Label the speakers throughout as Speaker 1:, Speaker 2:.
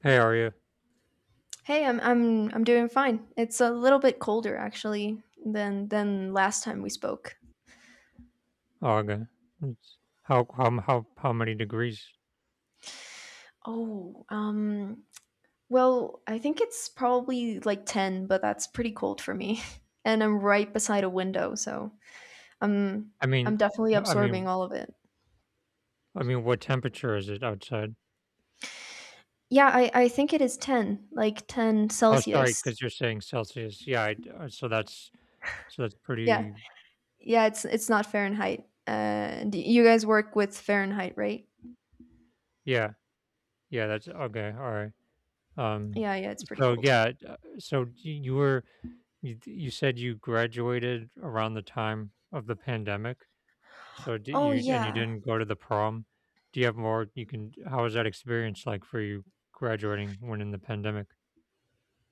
Speaker 1: Hey, are you?
Speaker 2: Hey, I'm doing fine. It's a little bit colder actually than last time we spoke.
Speaker 1: Oh, okay. It's- how many degrees?
Speaker 2: Oh, um well, I think it's probably like 10, but that's pretty cold for me. And I'm right beside a window, so I'm
Speaker 1: I
Speaker 2: I'm
Speaker 1: mean,
Speaker 2: definitely
Speaker 1: I
Speaker 2: absorbing
Speaker 1: mean,
Speaker 2: all of it.
Speaker 1: what temperature is it outside?
Speaker 2: Yeah, I think it is 10, like 10
Speaker 1: Oh, sorry,
Speaker 2: Celsius.
Speaker 1: because you're saying Celsius. Yeah, I, d- so that's
Speaker 2: Yeah.
Speaker 1: pretty.
Speaker 2: Yeah, it's not Fahrenheit. You guys work with Fahrenheit, right?
Speaker 1: Yeah, yeah, that's okay. All right. Um.
Speaker 2: Yeah, yeah, it's pretty
Speaker 1: So
Speaker 2: cold.
Speaker 1: yeah. So y- you were you said you graduated around the time of the pandemic. So did
Speaker 2: Oh
Speaker 1: you and you
Speaker 2: yeah.
Speaker 1: didn't go to the prom? Do you have more? You can. How was that experience like for you graduating when in the pandemic?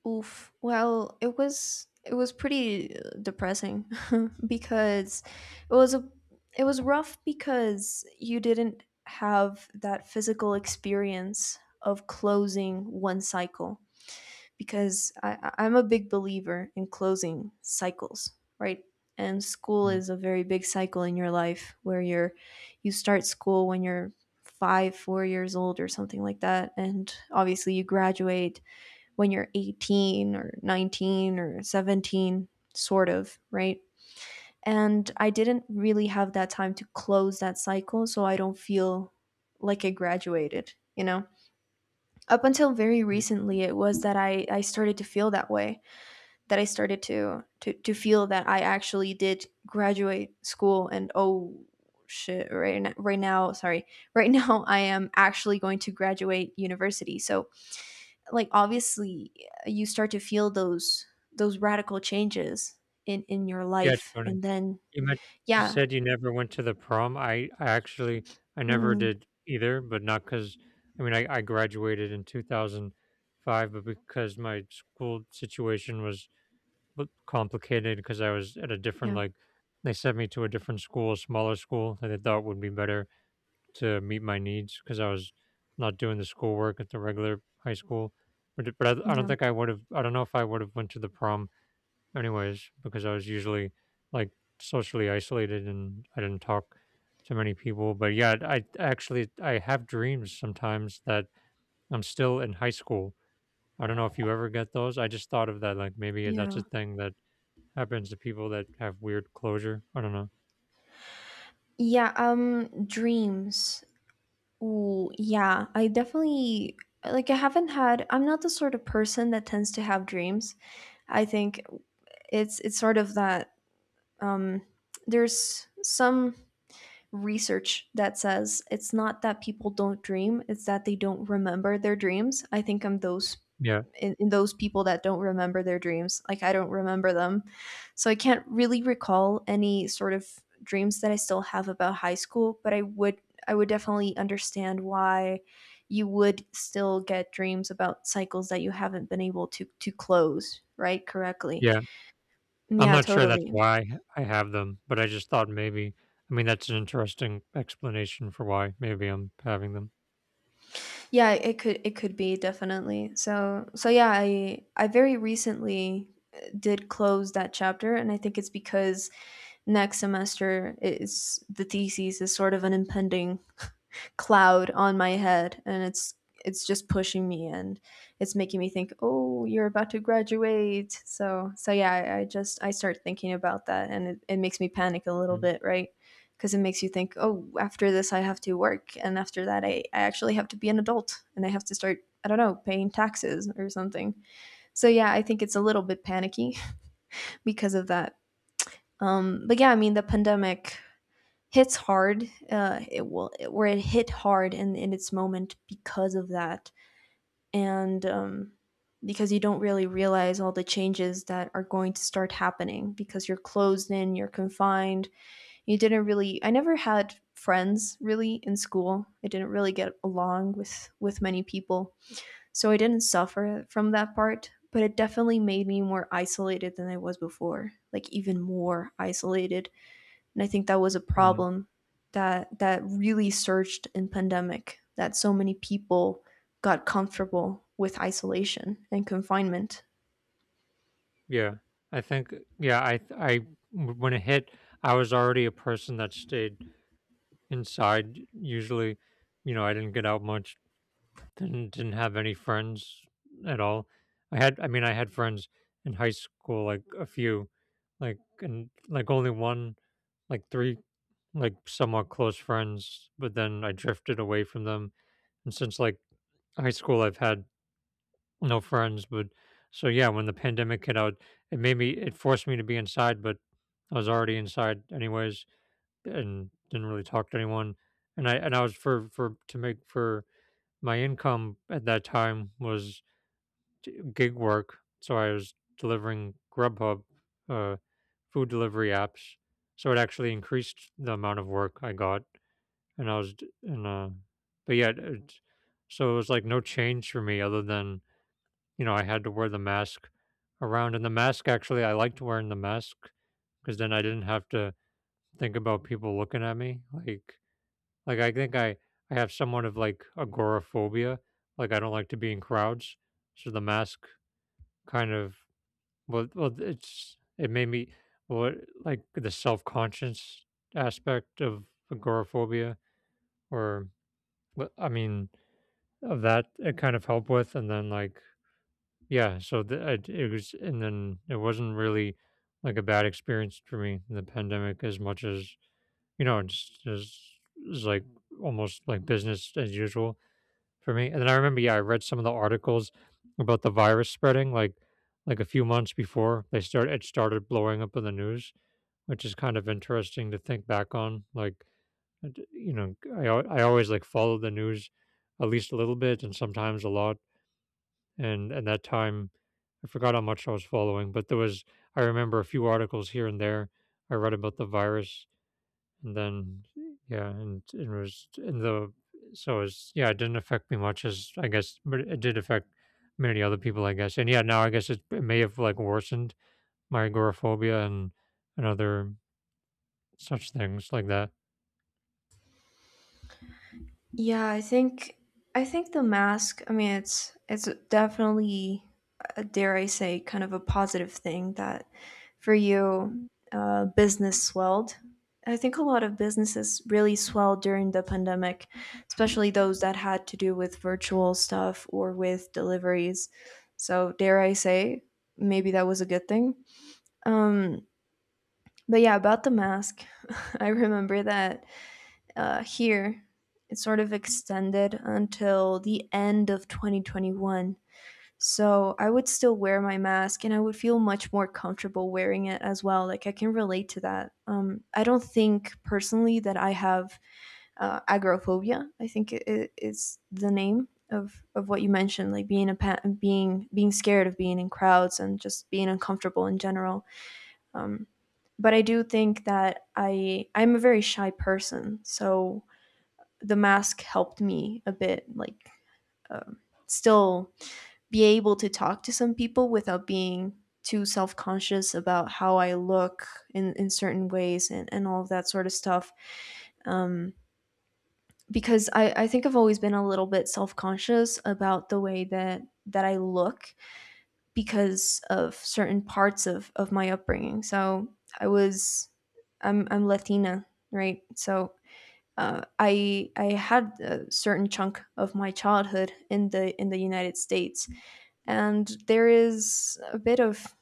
Speaker 2: Oof. Well, it was pretty depressing because it was a it was rough because you didn't have that physical experience of closing one cycle because I'm a big believer in closing cycles, right? And school
Speaker 1: Mm.
Speaker 2: is a very big cycle in your life where you start school when you're five, four years old or something like that, and obviously you graduate when you're 18 or 19 or 17, sort of, right? And I didn't really have that time to close that cycle, so I don't feel like I graduated, Up until very
Speaker 1: Y
Speaker 2: recently, it was that I started to feel that way, that I started to feel that I actually did graduate school. And oh shit, right now, sorry, right now I am actually going to graduate university. So like obviously you start to feel those radical changes in your
Speaker 1: Yeah, it's
Speaker 2: life.
Speaker 1: funny.
Speaker 2: And then
Speaker 1: You men you
Speaker 2: yeah,
Speaker 1: said you never went to the prom. I actually I never
Speaker 2: mm,
Speaker 1: did either, but not because I mean, I graduated in 2005, but because my school situation was b complicated because I was at a different,
Speaker 2: yeah,
Speaker 1: like they sent me to a different school, a smaller school that they thought would be better to meet my needs because I was not doing the schoolwork at the regular high school. But I don't
Speaker 2: yeah,
Speaker 1: think I would've I don't know if I would've went to the prom anyways because I was usually like socially isolated and I didn't talk to many people. But yeah, I actually I have dreams sometimes that I'm still in high school. I don't know if you ever get those. I just thought of that like maybe that's a
Speaker 2: yeah,
Speaker 1: thing that happens to people that have weird closure. I don't know.
Speaker 2: yeah, dreams. Ooh, yeah, I definitely like I haven't had I'm not the sort of person that tends to have dreams. I think it's sort of that um there's some research that says it's not that people don't dream, it's that they don't remember their dreams. I think I'm those
Speaker 1: Yeah.
Speaker 2: in those people that don't remember their dreams. Like I don't remember them. So I can't really recall any sort of dreams that I still have about high school, but I would definitely understand why you would still get dreams about cycles that you haven't been able to close, right? Correctly.
Speaker 1: Yeah. I'm
Speaker 2: Yeah,
Speaker 1: not sure that's
Speaker 2: totally.
Speaker 1: why I have them, but I just thought maybe I mean, that's an interesting explanation for why maybe I'm having them.
Speaker 2: Yeah, it could be definitely. So so yeah, I very recently did close that chapter, and I think it's because next semester is the thesis is sort of an impending cloud on my head, and it's just pushing me. And it's making me think, oh, you're about to graduate. So so yeah, I just I start thinking about that, and it makes me panic a little
Speaker 1: Mm,
Speaker 2: bit, right? Because it makes you think, oh, after this I have to work, and after that I actually have to be an adult, and I have to start, I don't know, paying taxes or something. So yeah, I think it's a little bit panicky because of that. But yeah, I mean, the pandemic hits hard. It will where it hit hard in its moment because of that, and because you don't really realize all the changes that are going to start happening because you're closed in, you're confined. You didn't really. I never had friends really in school. I didn't really get along with many people, so I didn't suffer from that part. But it definitely made me more isolated than I was before, like even more isolated. And I think that was a
Speaker 1: mhm,
Speaker 2: problem that really surged in pandemic, that so many people got comfortable with isolation and confinement.
Speaker 1: yeah. I think yeah, I th I w when it hit, I was already a person that stayed inside. Usually, you know, I didn't get out much. Didn't have any friends at all. I had friends in high school, like a few, like and like only one, like three like somewhat close friends, but then I drifted away from them. And since like high school I've had no friends, but so yeah, when the pandemic hit out, it made me it forced me to be inside, but I was already inside anyways and didn't really talk to anyone. And I was for to make for my income at that time was gig work, so I was delivering Grubhub uh, food delivery apps. So it actually increased the amount of work I got, and I was d- and but yeah, it, so it was like no change for me other than you know I had to wear the mask around, and the mask actually I liked wearing the mask because then I didn't have to think about people looking at me like I think I have somewhat of like agoraphobia. Like I don't like to be in crowds. So the mask kind of well, it's it made me well like the self conscious aspect of agoraphobia or I mean of that it kind of helped with and then like yeah so the, it was and then it wasn't really like a bad experience for me in the pandemic as much as you know it's just it's like almost like business as usual for me. And then I remember, yeah, I read some of the articles about the virus spreading, like a few months before they start it started blowing up in the news, which is kind of interesting to think back on. Like, you know, I always like follow the news at least a little bit, and sometimes a lot. And that time, I forgot how much I was following, but there was I remember a few articles here and there I read about the virus and then yeah, and it was in the so it's yeah, it didn't affect me much as I guess, but it did affect many other people, I guess. And yeah, now I guess it, it may have like worsened my agoraphobia and other such things like that.
Speaker 2: Yeah, I think the mask, I mean, it's definitely dare I say kind of a positive thing that for you business swelled. I think a lot of businesses really swelled during the pandemic, especially those that had to do with virtual stuff or with deliveries. So dare I say, maybe that was a good thing. Um, but yeah, about the mask, I remember that here it sort of extended until the end of 2021. So I would still wear my mask, and I would feel much more comfortable wearing it as well. Like I can relate to that. I don't think personally that I have agoraphobia. I think it's the name of what you mentioned, like being being scared of being in crowds and just being uncomfortable in general. Um, but I do think that I'm a very shy person, so the mask helped me a bit, like um, still be able to talk to some people without being too self conscious about how I look in certain ways, and all of that sort of stuff. Um, because I think I've always been a little bit self conscious about the way that I look because of certain parts of my upbringing. So I was, I'm Latina, right? So I had a certain chunk of my childhood in the United States, and there is a bit of,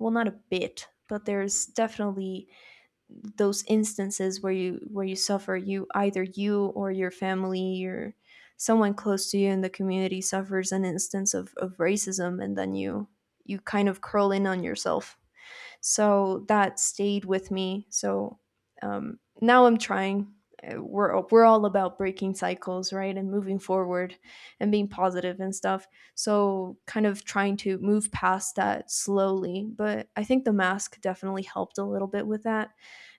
Speaker 2: well, not a bit, but there's definitely those instances where you suffer. You either you or your family or someone close to you in the community suffers an instance of racism, and then you kind of curl in on yourself, so that stayed with me. So now I'm trying. We're all about breaking cycles, right, and moving forward, and being positive and stuff. So kind of trying to move past that slowly. But I think the mask definitely helped a little bit with that,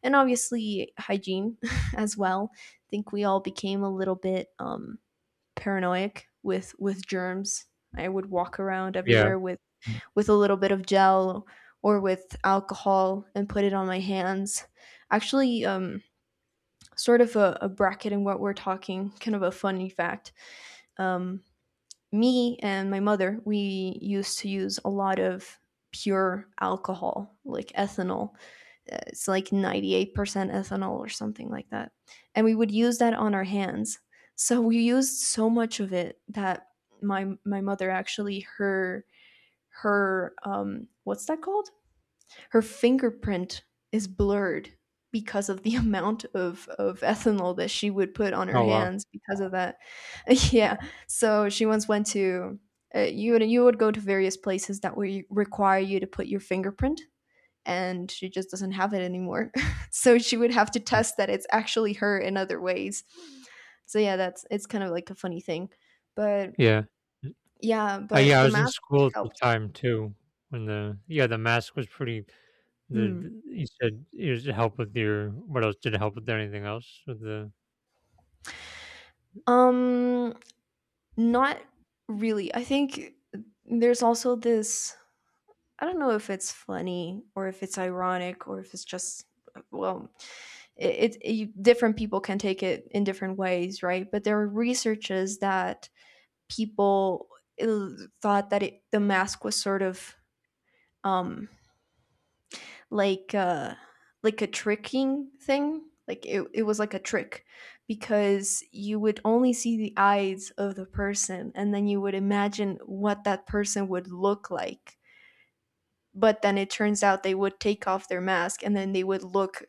Speaker 2: and obviously hygiene as well. I think we all became a little bit paranoid with germs. I would walk around
Speaker 1: Yeah.
Speaker 2: everywhere
Speaker 1: Mm.
Speaker 2: with a little bit of gel or with alcohol and put it on my hands. Actually, sort of a bracket in what we're talking, kind of a funny fact. Um, Me and my mother, we used to use a lot of pure alcohol, like ethanol. It's like 98% ethanol or something like that. And we would use that on our hands. So we used so much of it that my mother actually her her what's that called? Her fingerprint is blurred because of the amount of ethanol that she would put on her
Speaker 1: Oh wow.
Speaker 2: hands because of that. Yeah. So she once went to you would go to various places that would require you to put your fingerprint, and she just doesn't have it anymore. So she would have to
Speaker 1: Mm.
Speaker 2: test that it's actually her in other ways. So yeah, that's it's kind of like a funny thing. But
Speaker 1: Yeah.
Speaker 2: yeah, but
Speaker 1: Yeah, I
Speaker 2: the
Speaker 1: was in
Speaker 2: mask
Speaker 1: school at the
Speaker 2: helped.
Speaker 1: time too. When the yeah, the mask was pretty. The
Speaker 2: Hmm.
Speaker 1: the- you said it was to help with your what else? Did it help with anything else? With the
Speaker 2: Um Not really. I think there's also this, I don't know if it's funny or if it's ironic or if it's just, well, it you, different people can take it in different ways, right? But there are researches that people uh, thought that the mask was sort of um like uh like a tricking thing, like it was like a trick because you would only see the eyes of the person and then you would imagine what that person would look like, but then it turns out they would take off their mask and then they would look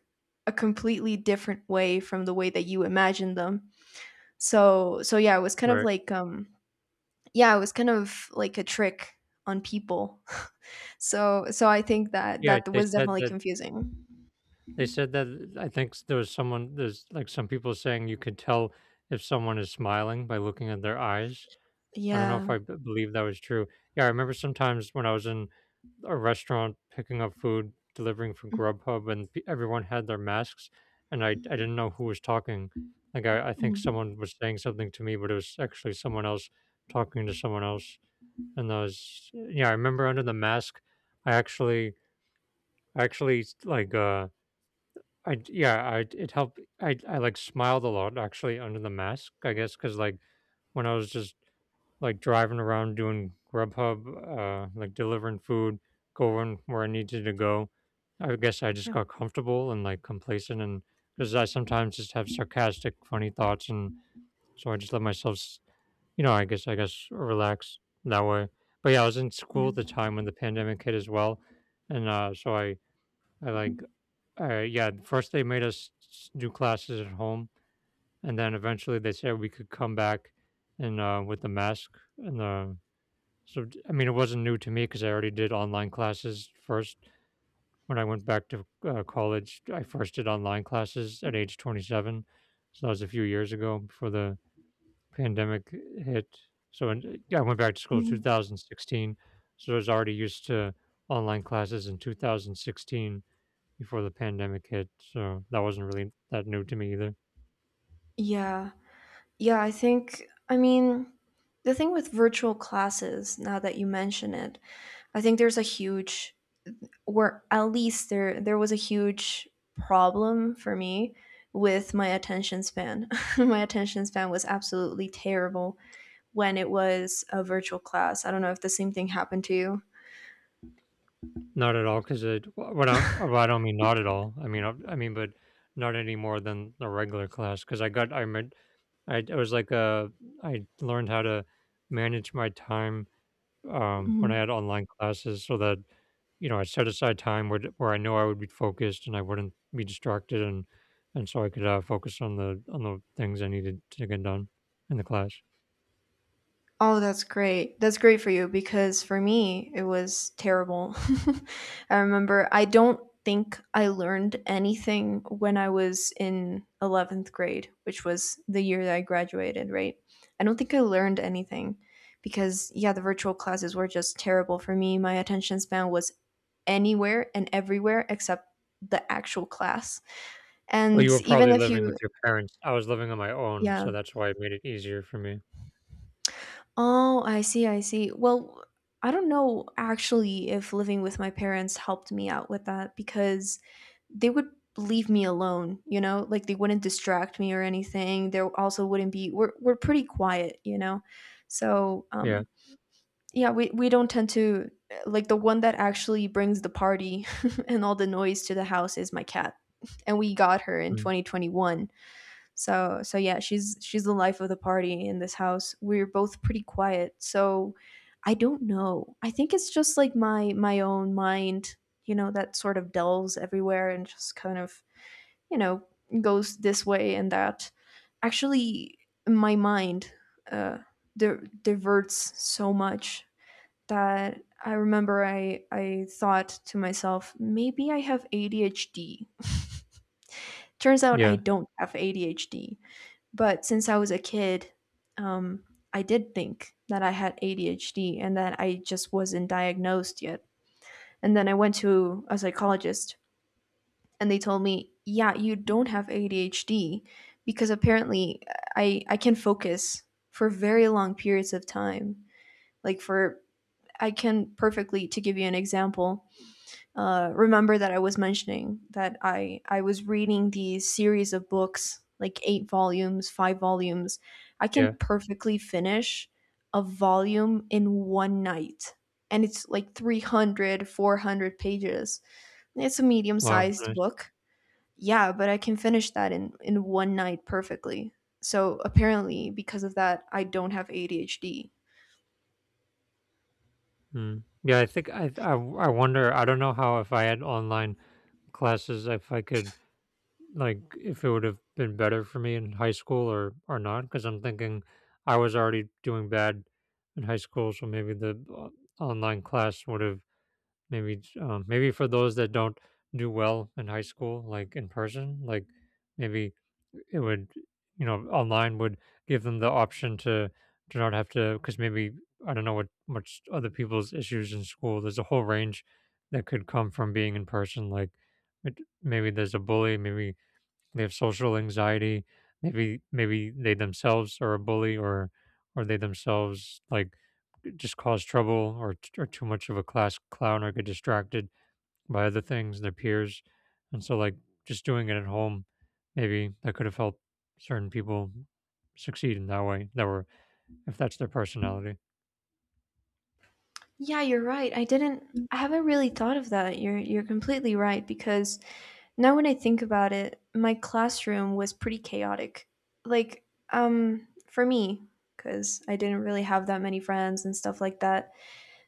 Speaker 2: a completely different way from the way that you imagined them. So so yeah, it was kind of
Speaker 1: right?
Speaker 2: like yeah, it was kind of like a trick on people. So so I think that
Speaker 1: Yeah,
Speaker 2: that
Speaker 1: they
Speaker 2: was
Speaker 1: said
Speaker 2: definitely
Speaker 1: that
Speaker 2: confusing.
Speaker 1: I think there was someone, there's like some people saying you could tell if someone is smiling by looking at their eyes. I don't know if
Speaker 2: Yeah.
Speaker 1: believe that was true. Yeah, I remember sometimes when I was in a restaurant picking up food, delivering for Grubhub, and everyone had their masks, and I didn't know who was talking. Like, I think
Speaker 2: Mhm.
Speaker 1: someone was saying something to me, but it was actually someone else talking to someone else. And I was, yeah, I remember under the mask, I actually, I actually like, I d yeah, I it helped like, smiled a lot actually under the mask, I guess because like, when I was just, like, driving around doing Grubhub, like, delivering food, going where I needed to go, I guess I just
Speaker 2: Yeah,
Speaker 1: got comfortable and, like, complacent and because I sometimes just have sarcastic, funny thoughts, and so I just let myself s you know, I guess relax that way. But, yeah, I was in school
Speaker 2: yeah.
Speaker 1: at the time when the pandemic hit as well, and, so like, yeah, first they made us do classes at home, and then eventually they said we could come back and with the mask and the. So I mean, it wasn't new to me because I already did online classes first. When I went back to college, I first did online classes at age 27, so that was a few years ago before the pandemic hit. So and, yeah, I went back to school in
Speaker 2: Mhm.
Speaker 1: 2016, so I was already used to online classes in 2016 before the pandemic hit, so that wasn't really that new to me either.
Speaker 2: Yeah. Yeah, I think I mean, the thing with virtual classes, now that you mention it, I think there's a huge, or at least there was a huge problem for me with my attention span. My attention span was absolutely terrible when it was a virtual class. I don't know if the same thing happened to
Speaker 1: Not at all, because it. What I, well, I don't mean not at all. I mean, but not any more than a regular class. Because I got, I meant, I it was like I learned how to manage my time when I
Speaker 2: you.
Speaker 1: had online classes so that, you know, I set aside time where, where I know I would be focused and I wouldn't be distracted and so I could focus on the things I needed to get done in the class.
Speaker 2: Oh, that's great. That's great for you, because for me, it was terrible. I remember I don't think I learned anything when I was in 11th grade, which was the year that I graduated, right? I don't think I learned anything because, yeah, the virtual classes were just terrible for me. My attention span was anywhere and everywhere except the actual class.
Speaker 1: Well,
Speaker 2: And
Speaker 1: you were
Speaker 2: even
Speaker 1: probably
Speaker 2: if
Speaker 1: living
Speaker 2: you,
Speaker 1: with your parents. I was living on my own, so
Speaker 2: yeah.
Speaker 1: that's why it made it easier for me.
Speaker 2: Oh, I see, I see. Well, I don't know actually if living with my parents helped me out with that because they would leave me alone, you know? Like they wouldn't distract me or anything. There also wouldn't be we're pretty quiet, you know? So,
Speaker 1: Yeah.
Speaker 2: yeah, we don't tend to like the one that actually brings the party and all the noise to the house is my cat. And we got her in
Speaker 1: Mm.
Speaker 2: 2021. So so yeah, she's the life of the party in this house. We're both pretty quiet. So I don't know. I think it's just like my own mind, that sort of delves everywhere and just kind of, you know, goes this way and that. Actually, my mind uh diverts so much that I remember I thought to myself, maybe I have ADHD. Turns out I
Speaker 1: Yeah,
Speaker 2: don't have ADHD, but since I was a kid, um, I did think that I had ADHD and that I just wasn't diagnosed yet. And then I went to a psychologist and they told me, yeah, you don't have ADHD because apparently I can focus for very long periods of time. Like, I can perfectly, to give you an example, remember that I was mentioning that I was reading these series of books, like eight volumes, five volumes. I can
Speaker 1: yeah.
Speaker 2: perfectly finish a volume in one night. And it's like 300, 400 pages. It's a medium
Speaker 1: Wow,
Speaker 2: sized
Speaker 1: nice.
Speaker 2: book. Yeah, but I can finish that in one night perfectly. So apparently, because of that, I don't have ADHD.
Speaker 1: Mm. Yeah, I wonder, I don't know how if I had online classes if I could like if it would have been better for me in high school or not because I'm thinking I was already doing bad in high school, so maybe the online class would have maybe maybe for those that don't do well in high school like in person like maybe it would you know online would give them the option to not have to because maybe I don't know what much other people's issues in school there's a whole range that could come from being in person like it, maybe there's a bully maybe they have social anxiety maybe they themselves are a bully or they themselves like just cause trouble or or too much of a class clown or get distracted by other things, their peers. And so like just doing it at home, maybe that could have helped certain people succeed in that way. That were if that's their personality.
Speaker 2: Yeah, you're right. I haven't really thought of that. You're completely right, because now when I think about it, my classroom was pretty chaotic. Like, for me, because I didn't really have that many friends and stuff like that,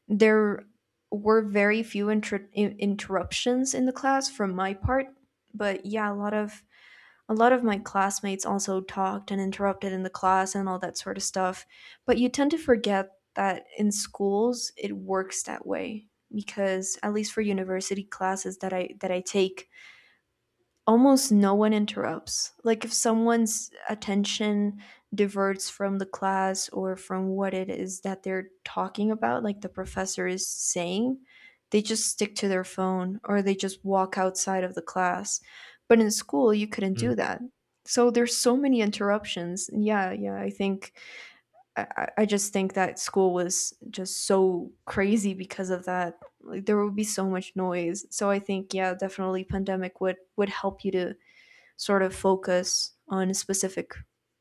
Speaker 2: there were very few interruptions in the class from my part. But yeah, a lot of my classmates also talked and interrupted in the class and all that sort of stuff. But you tend to forget that in schools it works that way, because at least for university classes that I take, almost no one interrupts. Like, if someone's attention diverts from the class or from what it is that they're talking about, like the professor is saying, they just stick to their phone or they just walk outside of the class. But in school, you couldn't
Speaker 1: Mm,
Speaker 2: do that. So there's so many interruptions. Yeah, yeah. I think just think that school was just so crazy because of that. Like, there would be so much noise. So I think, yeah, definitely pandemic would help you to sort of focus on specific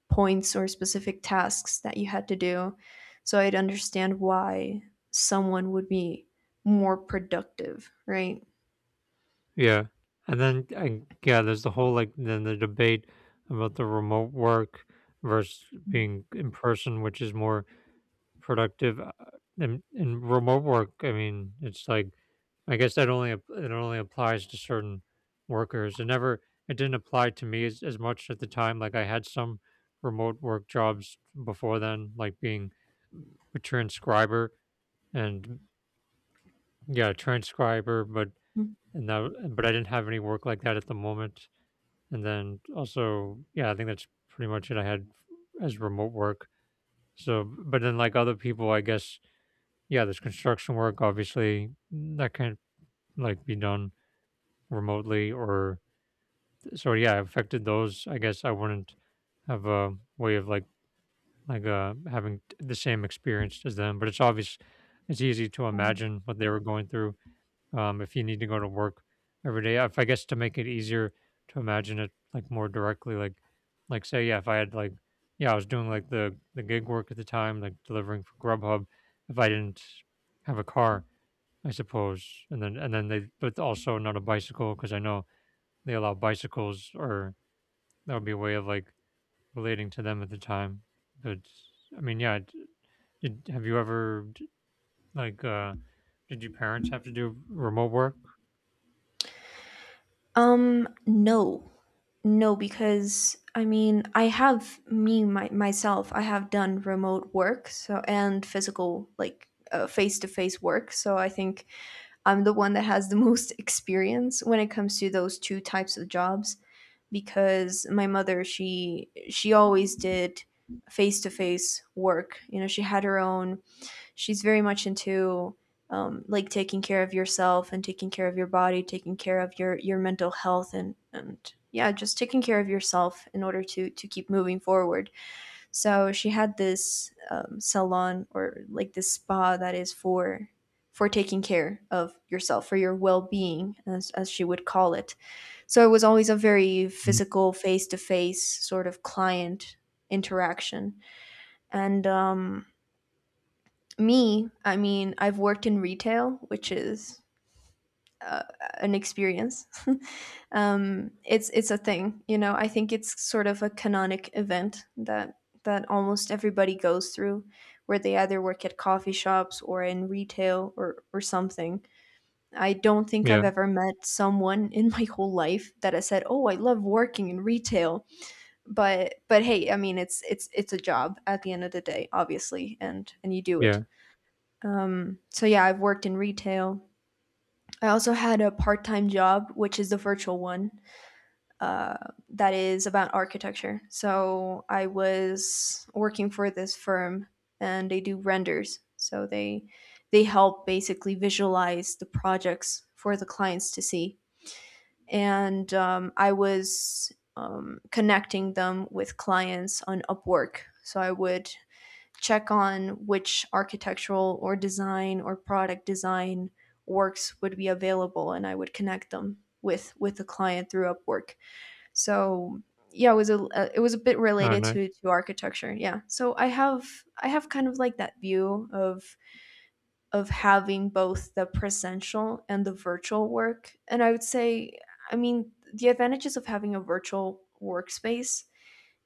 Speaker 2: points or specific tasks that you had to do. So I'd understand why someone would be more productive, right?
Speaker 1: yeah. And then I, yeah, there's the whole like then the debate about the remote work versus being in person, which is more productive. In remote work, I mean, it's like I guess that only it only applies to certain workers. It never it didn't apply to me as much at the time. Like I had some remote work jobs before then, like being a transcriber and yeah, a transcriber, but and that but I didn't have any work like that at the moment. And then also, yeah, I think that's pretty much it I had as remote work. So but then like other people, I guess, yeah, there's construction work obviously that can't like be done remotely or so yeah, it affected those. I guess I wouldn't have a way of like having the same experience as them. But it's obvious, it's easy to imagine what they were going through. If you need to go to work every day, if I guess to make it easier to imagine it like more directly, like say yeah, if I had like yeah, I was doing like the gig work at the time, like delivering for Grubhub. If I didn't have a car, I suppose, and then they but also not a bicycle because I know they allow bicycles or that would be a way of like relating to them at the time. But I mean, yeah. Have you ever like uh did your parents have to do remote work?
Speaker 2: No. No, because I mean, I have myself. I have done remote work, so, and physical, like face to face work. So I think I'm the one that has the most experience when it comes to those two types of jobs, because my mother she always did face to face work. She had her own. She's very much into like, taking care of yourself and taking care of your body, taking care of your mental health, and yeah, just taking care of yourself in order to keep moving forward. So she had this salon, or like this spa that is for taking care of yourself, for your well-being, as she would call it, so it was always a very
Speaker 1: Mm.
Speaker 2: physical, face to face sort of client interaction. And me, I mean, I've worked in retail, which is, uh, an experience. It's a thing. I think it's sort of a canonic event that almost everybody goes through, where they either work at coffee shops or in retail, or something. I don't think I've
Speaker 1: Yeah,
Speaker 2: ever met someone in my whole life that has said, "Oh, I love working in retail." But hey, I mean, it's it's a job at the end of the day, obviously, and you do it.
Speaker 1: yeah.
Speaker 2: So, yeah, I've worked in retail. I also had a part-time job, which is the virtual one, uh that is about architecture. So I was working for this firm and they do renders, so they help basically visualize the projects for the clients to see. And I was connecting them with clients on Upwork. So I would check on which architectural or design or product design works would be available, and I would connect them with the client through Upwork. So, yeah, it was a bit
Speaker 1: Oh,
Speaker 2: related
Speaker 1: nice.
Speaker 2: to architecture. Yeah, so I have kind of like that view of having both the presential and the virtual work. And I would say, I mean, the advantages of having a virtual workspace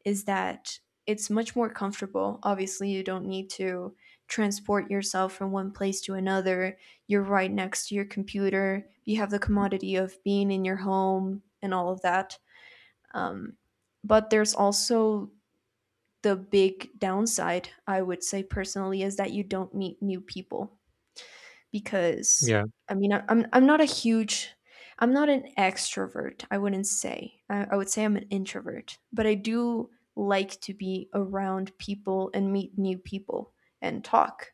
Speaker 2: is that it's much more comfortable. Obviously, you don't need to transport yourself from one place to another. You're right next to your computer. You have the commodity of being in your home and all of that. Um, but there's also the big downside, I would say personally, is that you don't meet new people, because
Speaker 1: Yeah.
Speaker 2: I mean, I'm not an extrovert. I wouldn't say, I would say I'm an introvert, but I do like to be around people and meet new people and talk,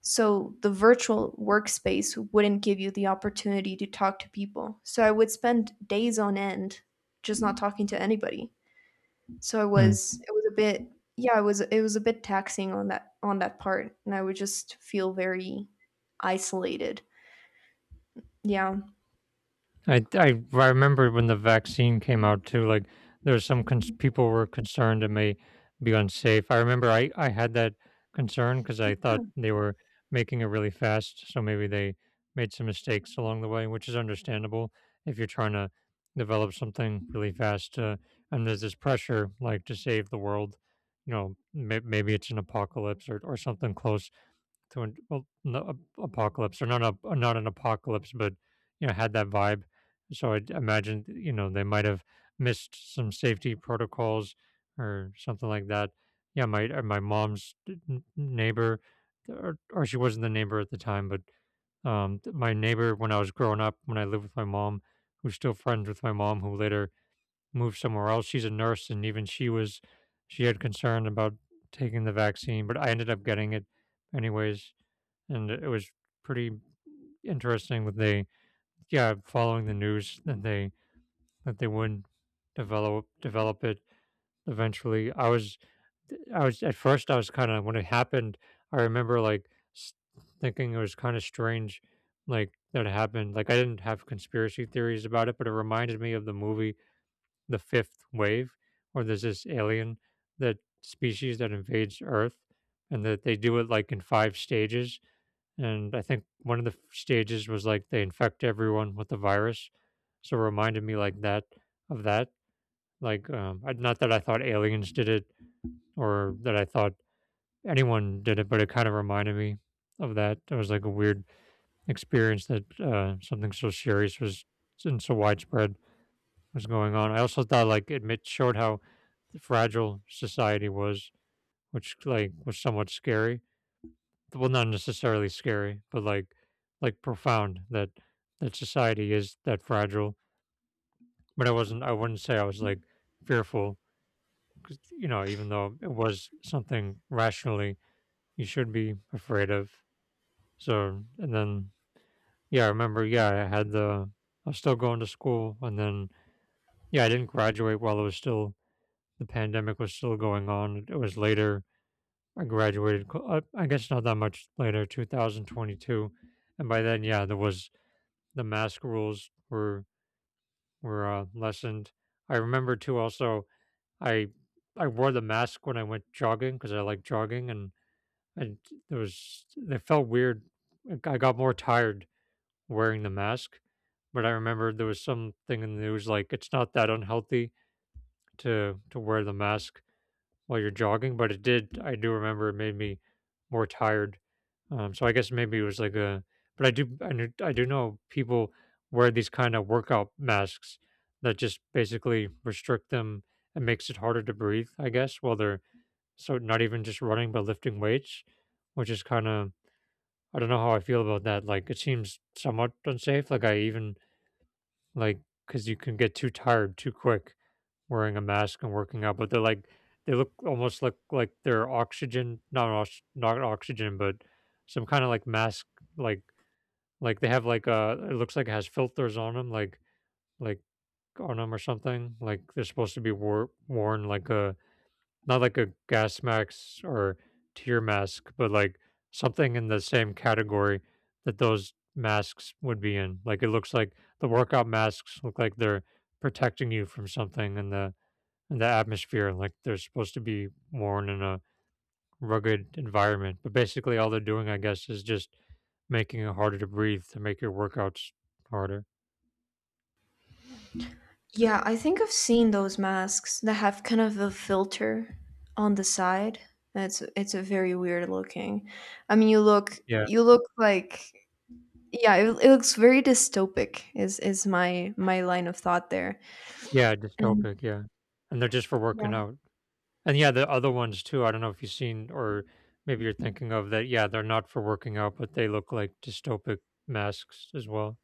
Speaker 2: so the virtual workspace wouldn't give you the opportunity to talk to people, so I would spend days on end just not talking to anybody. So it
Speaker 1: Hmm.
Speaker 2: was it was a bit, yeah, it was a bit taxing on that part, and I would just feel very isolated. Yeah.
Speaker 1: I remember when the vaccine came out too. Like there was people were concerned it may be unsafe. I remember I had that concern because I thought they were making it really fast, so maybe they made some mistakes along the way, which is understandable if you're trying to develop something really fast. And there's this pressure, like to save the world. You know, maybe it's an apocalypse or something close to an well, no, a apocalypse or not a not an apocalypse, but you know, had that vibe. So I imagine, you know, they might have missed some safety protocols or something like that. Yeah, my my mom's neighbor, or she wasn't the neighbor at the time, but my neighbor when I was growing up, when I lived with my mom, who's still friends with my mom, who later moved somewhere else. She's a nurse, and even she had concern about taking the vaccine, but I ended up getting it anyways and it was pretty interesting that they, yeah, following the news that they would develop it eventually. I was at first I was kind of when it happened. I remember s- thinking it was kind of strange, like that it happened. Like I didn't have conspiracy theories about it, but it reminded me of the movie The Fifth Wave, where there's this alien that species that invades Earth, and that they do it like in five stages, and I think one of the stages was like they infect everyone with the virus. So it reminded me like that of that. Like, not that I thought aliens did it or that I thought anyone did it, but it kind of reminded me of that. It was like a weird experience that something so serious was and so widespread was going on. I also thought like it showed how fragile society was, which like was somewhat scary, well not necessarily scary but like profound that that society is that fragile, but I wasn't I wouldn't say I was like fearful 'cause, you know, even though it was something rationally you should be afraid of. So and then yeah I remember, yeah I had the I was still going to school and then yeah I didn't graduate while it was still, the pandemic was still going on, it was later I graduated I guess not that much later 2022, and by then yeah there was, the mask rules were lessened. I remember too. Also, I I wore the mask when I went jogging because I like jogging, and it was it felt weird. Like, I got more tired wearing the mask, but I remember there was something in the news like it's not that unhealthy to wear the mask while you're jogging, but it did I do remember it made me more tired. So I guess maybe it was like a, but I do I do know people wear these kind of workout masks that just basically restrict them and makes it harder to breathe, I guess, while they're, so not even just running but lifting weights, which is kind of, I don't know how I feel about that. Like it seems somewhat unsafe. Like I even like, because you can get too tired too quick wearing a mask and working out, but they're like they look almost look like they're oxygen not not oxygen but some kind of like mask, like like they have like it looks like it has filters on them like on them or something, like they're supposed to be worn like a, not like a gas mask or tear mask, but like something in the same category that those masks would be in. Like it looks like the workout masks look like they're protecting you from something in the atmosphere, like they're supposed to be worn in a rugged environment. But basically, all they're doing, I guess, is just making it harder to breathe to make your workouts harder.
Speaker 2: Yeah, I think I've seen those masks that have kind of a filter on the side. It's a very weird looking. I mean, you look,
Speaker 1: Yeah,
Speaker 2: like, yeah, it looks very dystopic, is my line of thought there.
Speaker 1: yeah,
Speaker 2: And
Speaker 1: dystopic. Yeah, and they're just for working
Speaker 2: yeah.
Speaker 1: out. And yeah, the other ones too. I don't know if you've seen, or maybe you're thinking of that. Yeah, they're not for working out, but they look like dystopic masks as well.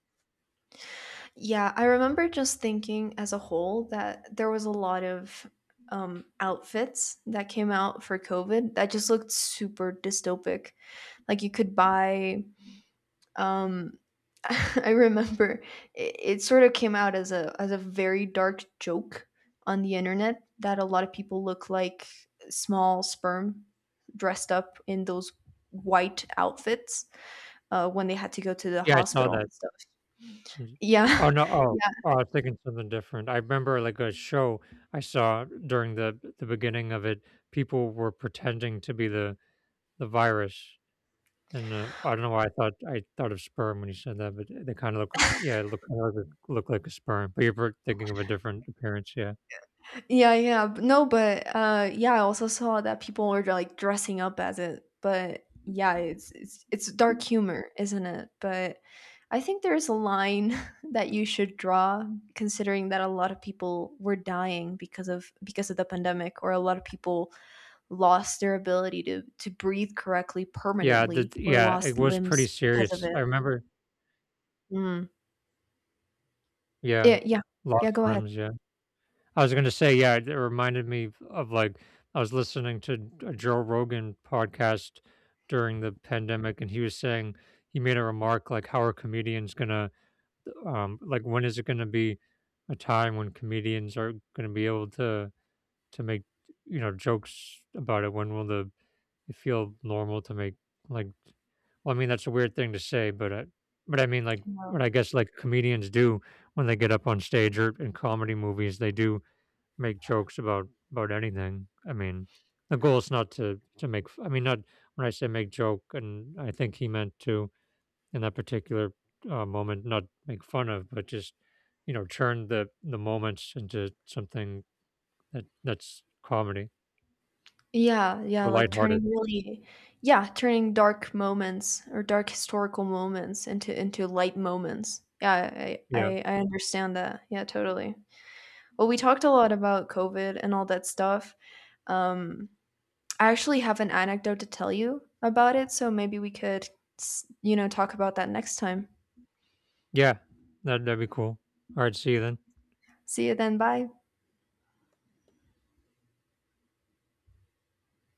Speaker 2: Yeah, I remember just thinking, as a whole, that there was a lot of outfits that came out for COVID that just looked super dystopic. Like, you could buy. Um, I remember it sort of came out as a, as a very dark joke on the internet, that a lot of people look like small sperm dressed up in those white outfits, when they had to go to the
Speaker 1: Yeah, I saw
Speaker 2: hospital
Speaker 1: that.
Speaker 2: and stuff.
Speaker 1: Mhm. Oh
Speaker 2: Yeah,
Speaker 1: no! Oh, oh, I was thinking something different. I remember like a show I saw during the beginning of it. People were pretending to be the virus, and I don't know why I thought of sperm when you said that, but they kind of look yeah look look like a sperm. But you're thinking of a different appearance, yeah.
Speaker 2: Yeah, yeah. No, but yeah, I also saw that people were like dressing up as it. But yeah, it's dark humor, isn't it? But I think there's a line that you should draw, considering that a lot of people were dying because of the pandemic, or a lot of people lost their ability to breathe correctly
Speaker 1: Yeah, the
Speaker 2: permanently, or
Speaker 1: yeah, it
Speaker 2: lost
Speaker 1: was pretty
Speaker 2: limbs because of
Speaker 1: serious.
Speaker 2: it.
Speaker 1: I remember
Speaker 2: Mm.
Speaker 1: yeah,
Speaker 2: Yeah, yeah. Yeah,
Speaker 1: lost
Speaker 2: go
Speaker 1: limbs, yeah. I was gonna say, yeah, it reminded me of, like, I was listening to a Joe Rogan podcast during the pandemic, and he was saying he made a remark like, "How are comedians gonna, like, when is it gonna be a time when comedians are gonna be able to make you know jokes about it, when will the it feel normal to make like, well I mean that's a weird thing to say but I mean like what
Speaker 2: ahead.
Speaker 1: I guess like comedians do when they get up on stage or in comedy movies, they do make jokes about anything. I mean the goal is not to to make I mean not, when I say make joke and I think he meant to in that particular moment not make fun of but just you know turn the moments into something that that's comedy
Speaker 2: Yeah, yeah,
Speaker 1: or
Speaker 2: like
Speaker 1: lighthearted.
Speaker 2: turning really yeah, turning dark moments, or dark historical moments into light moments. Yeah, I
Speaker 1: Yeah.
Speaker 2: I, I understand that. Yeah, totally. Well, we talked a lot about COVID and all that stuff. Um, I actually have an anecdote to tell you about it, so maybe we could, talk about that next time.
Speaker 1: Yeah. That'd be cool. Alright, see you then.
Speaker 2: See you then. Bye.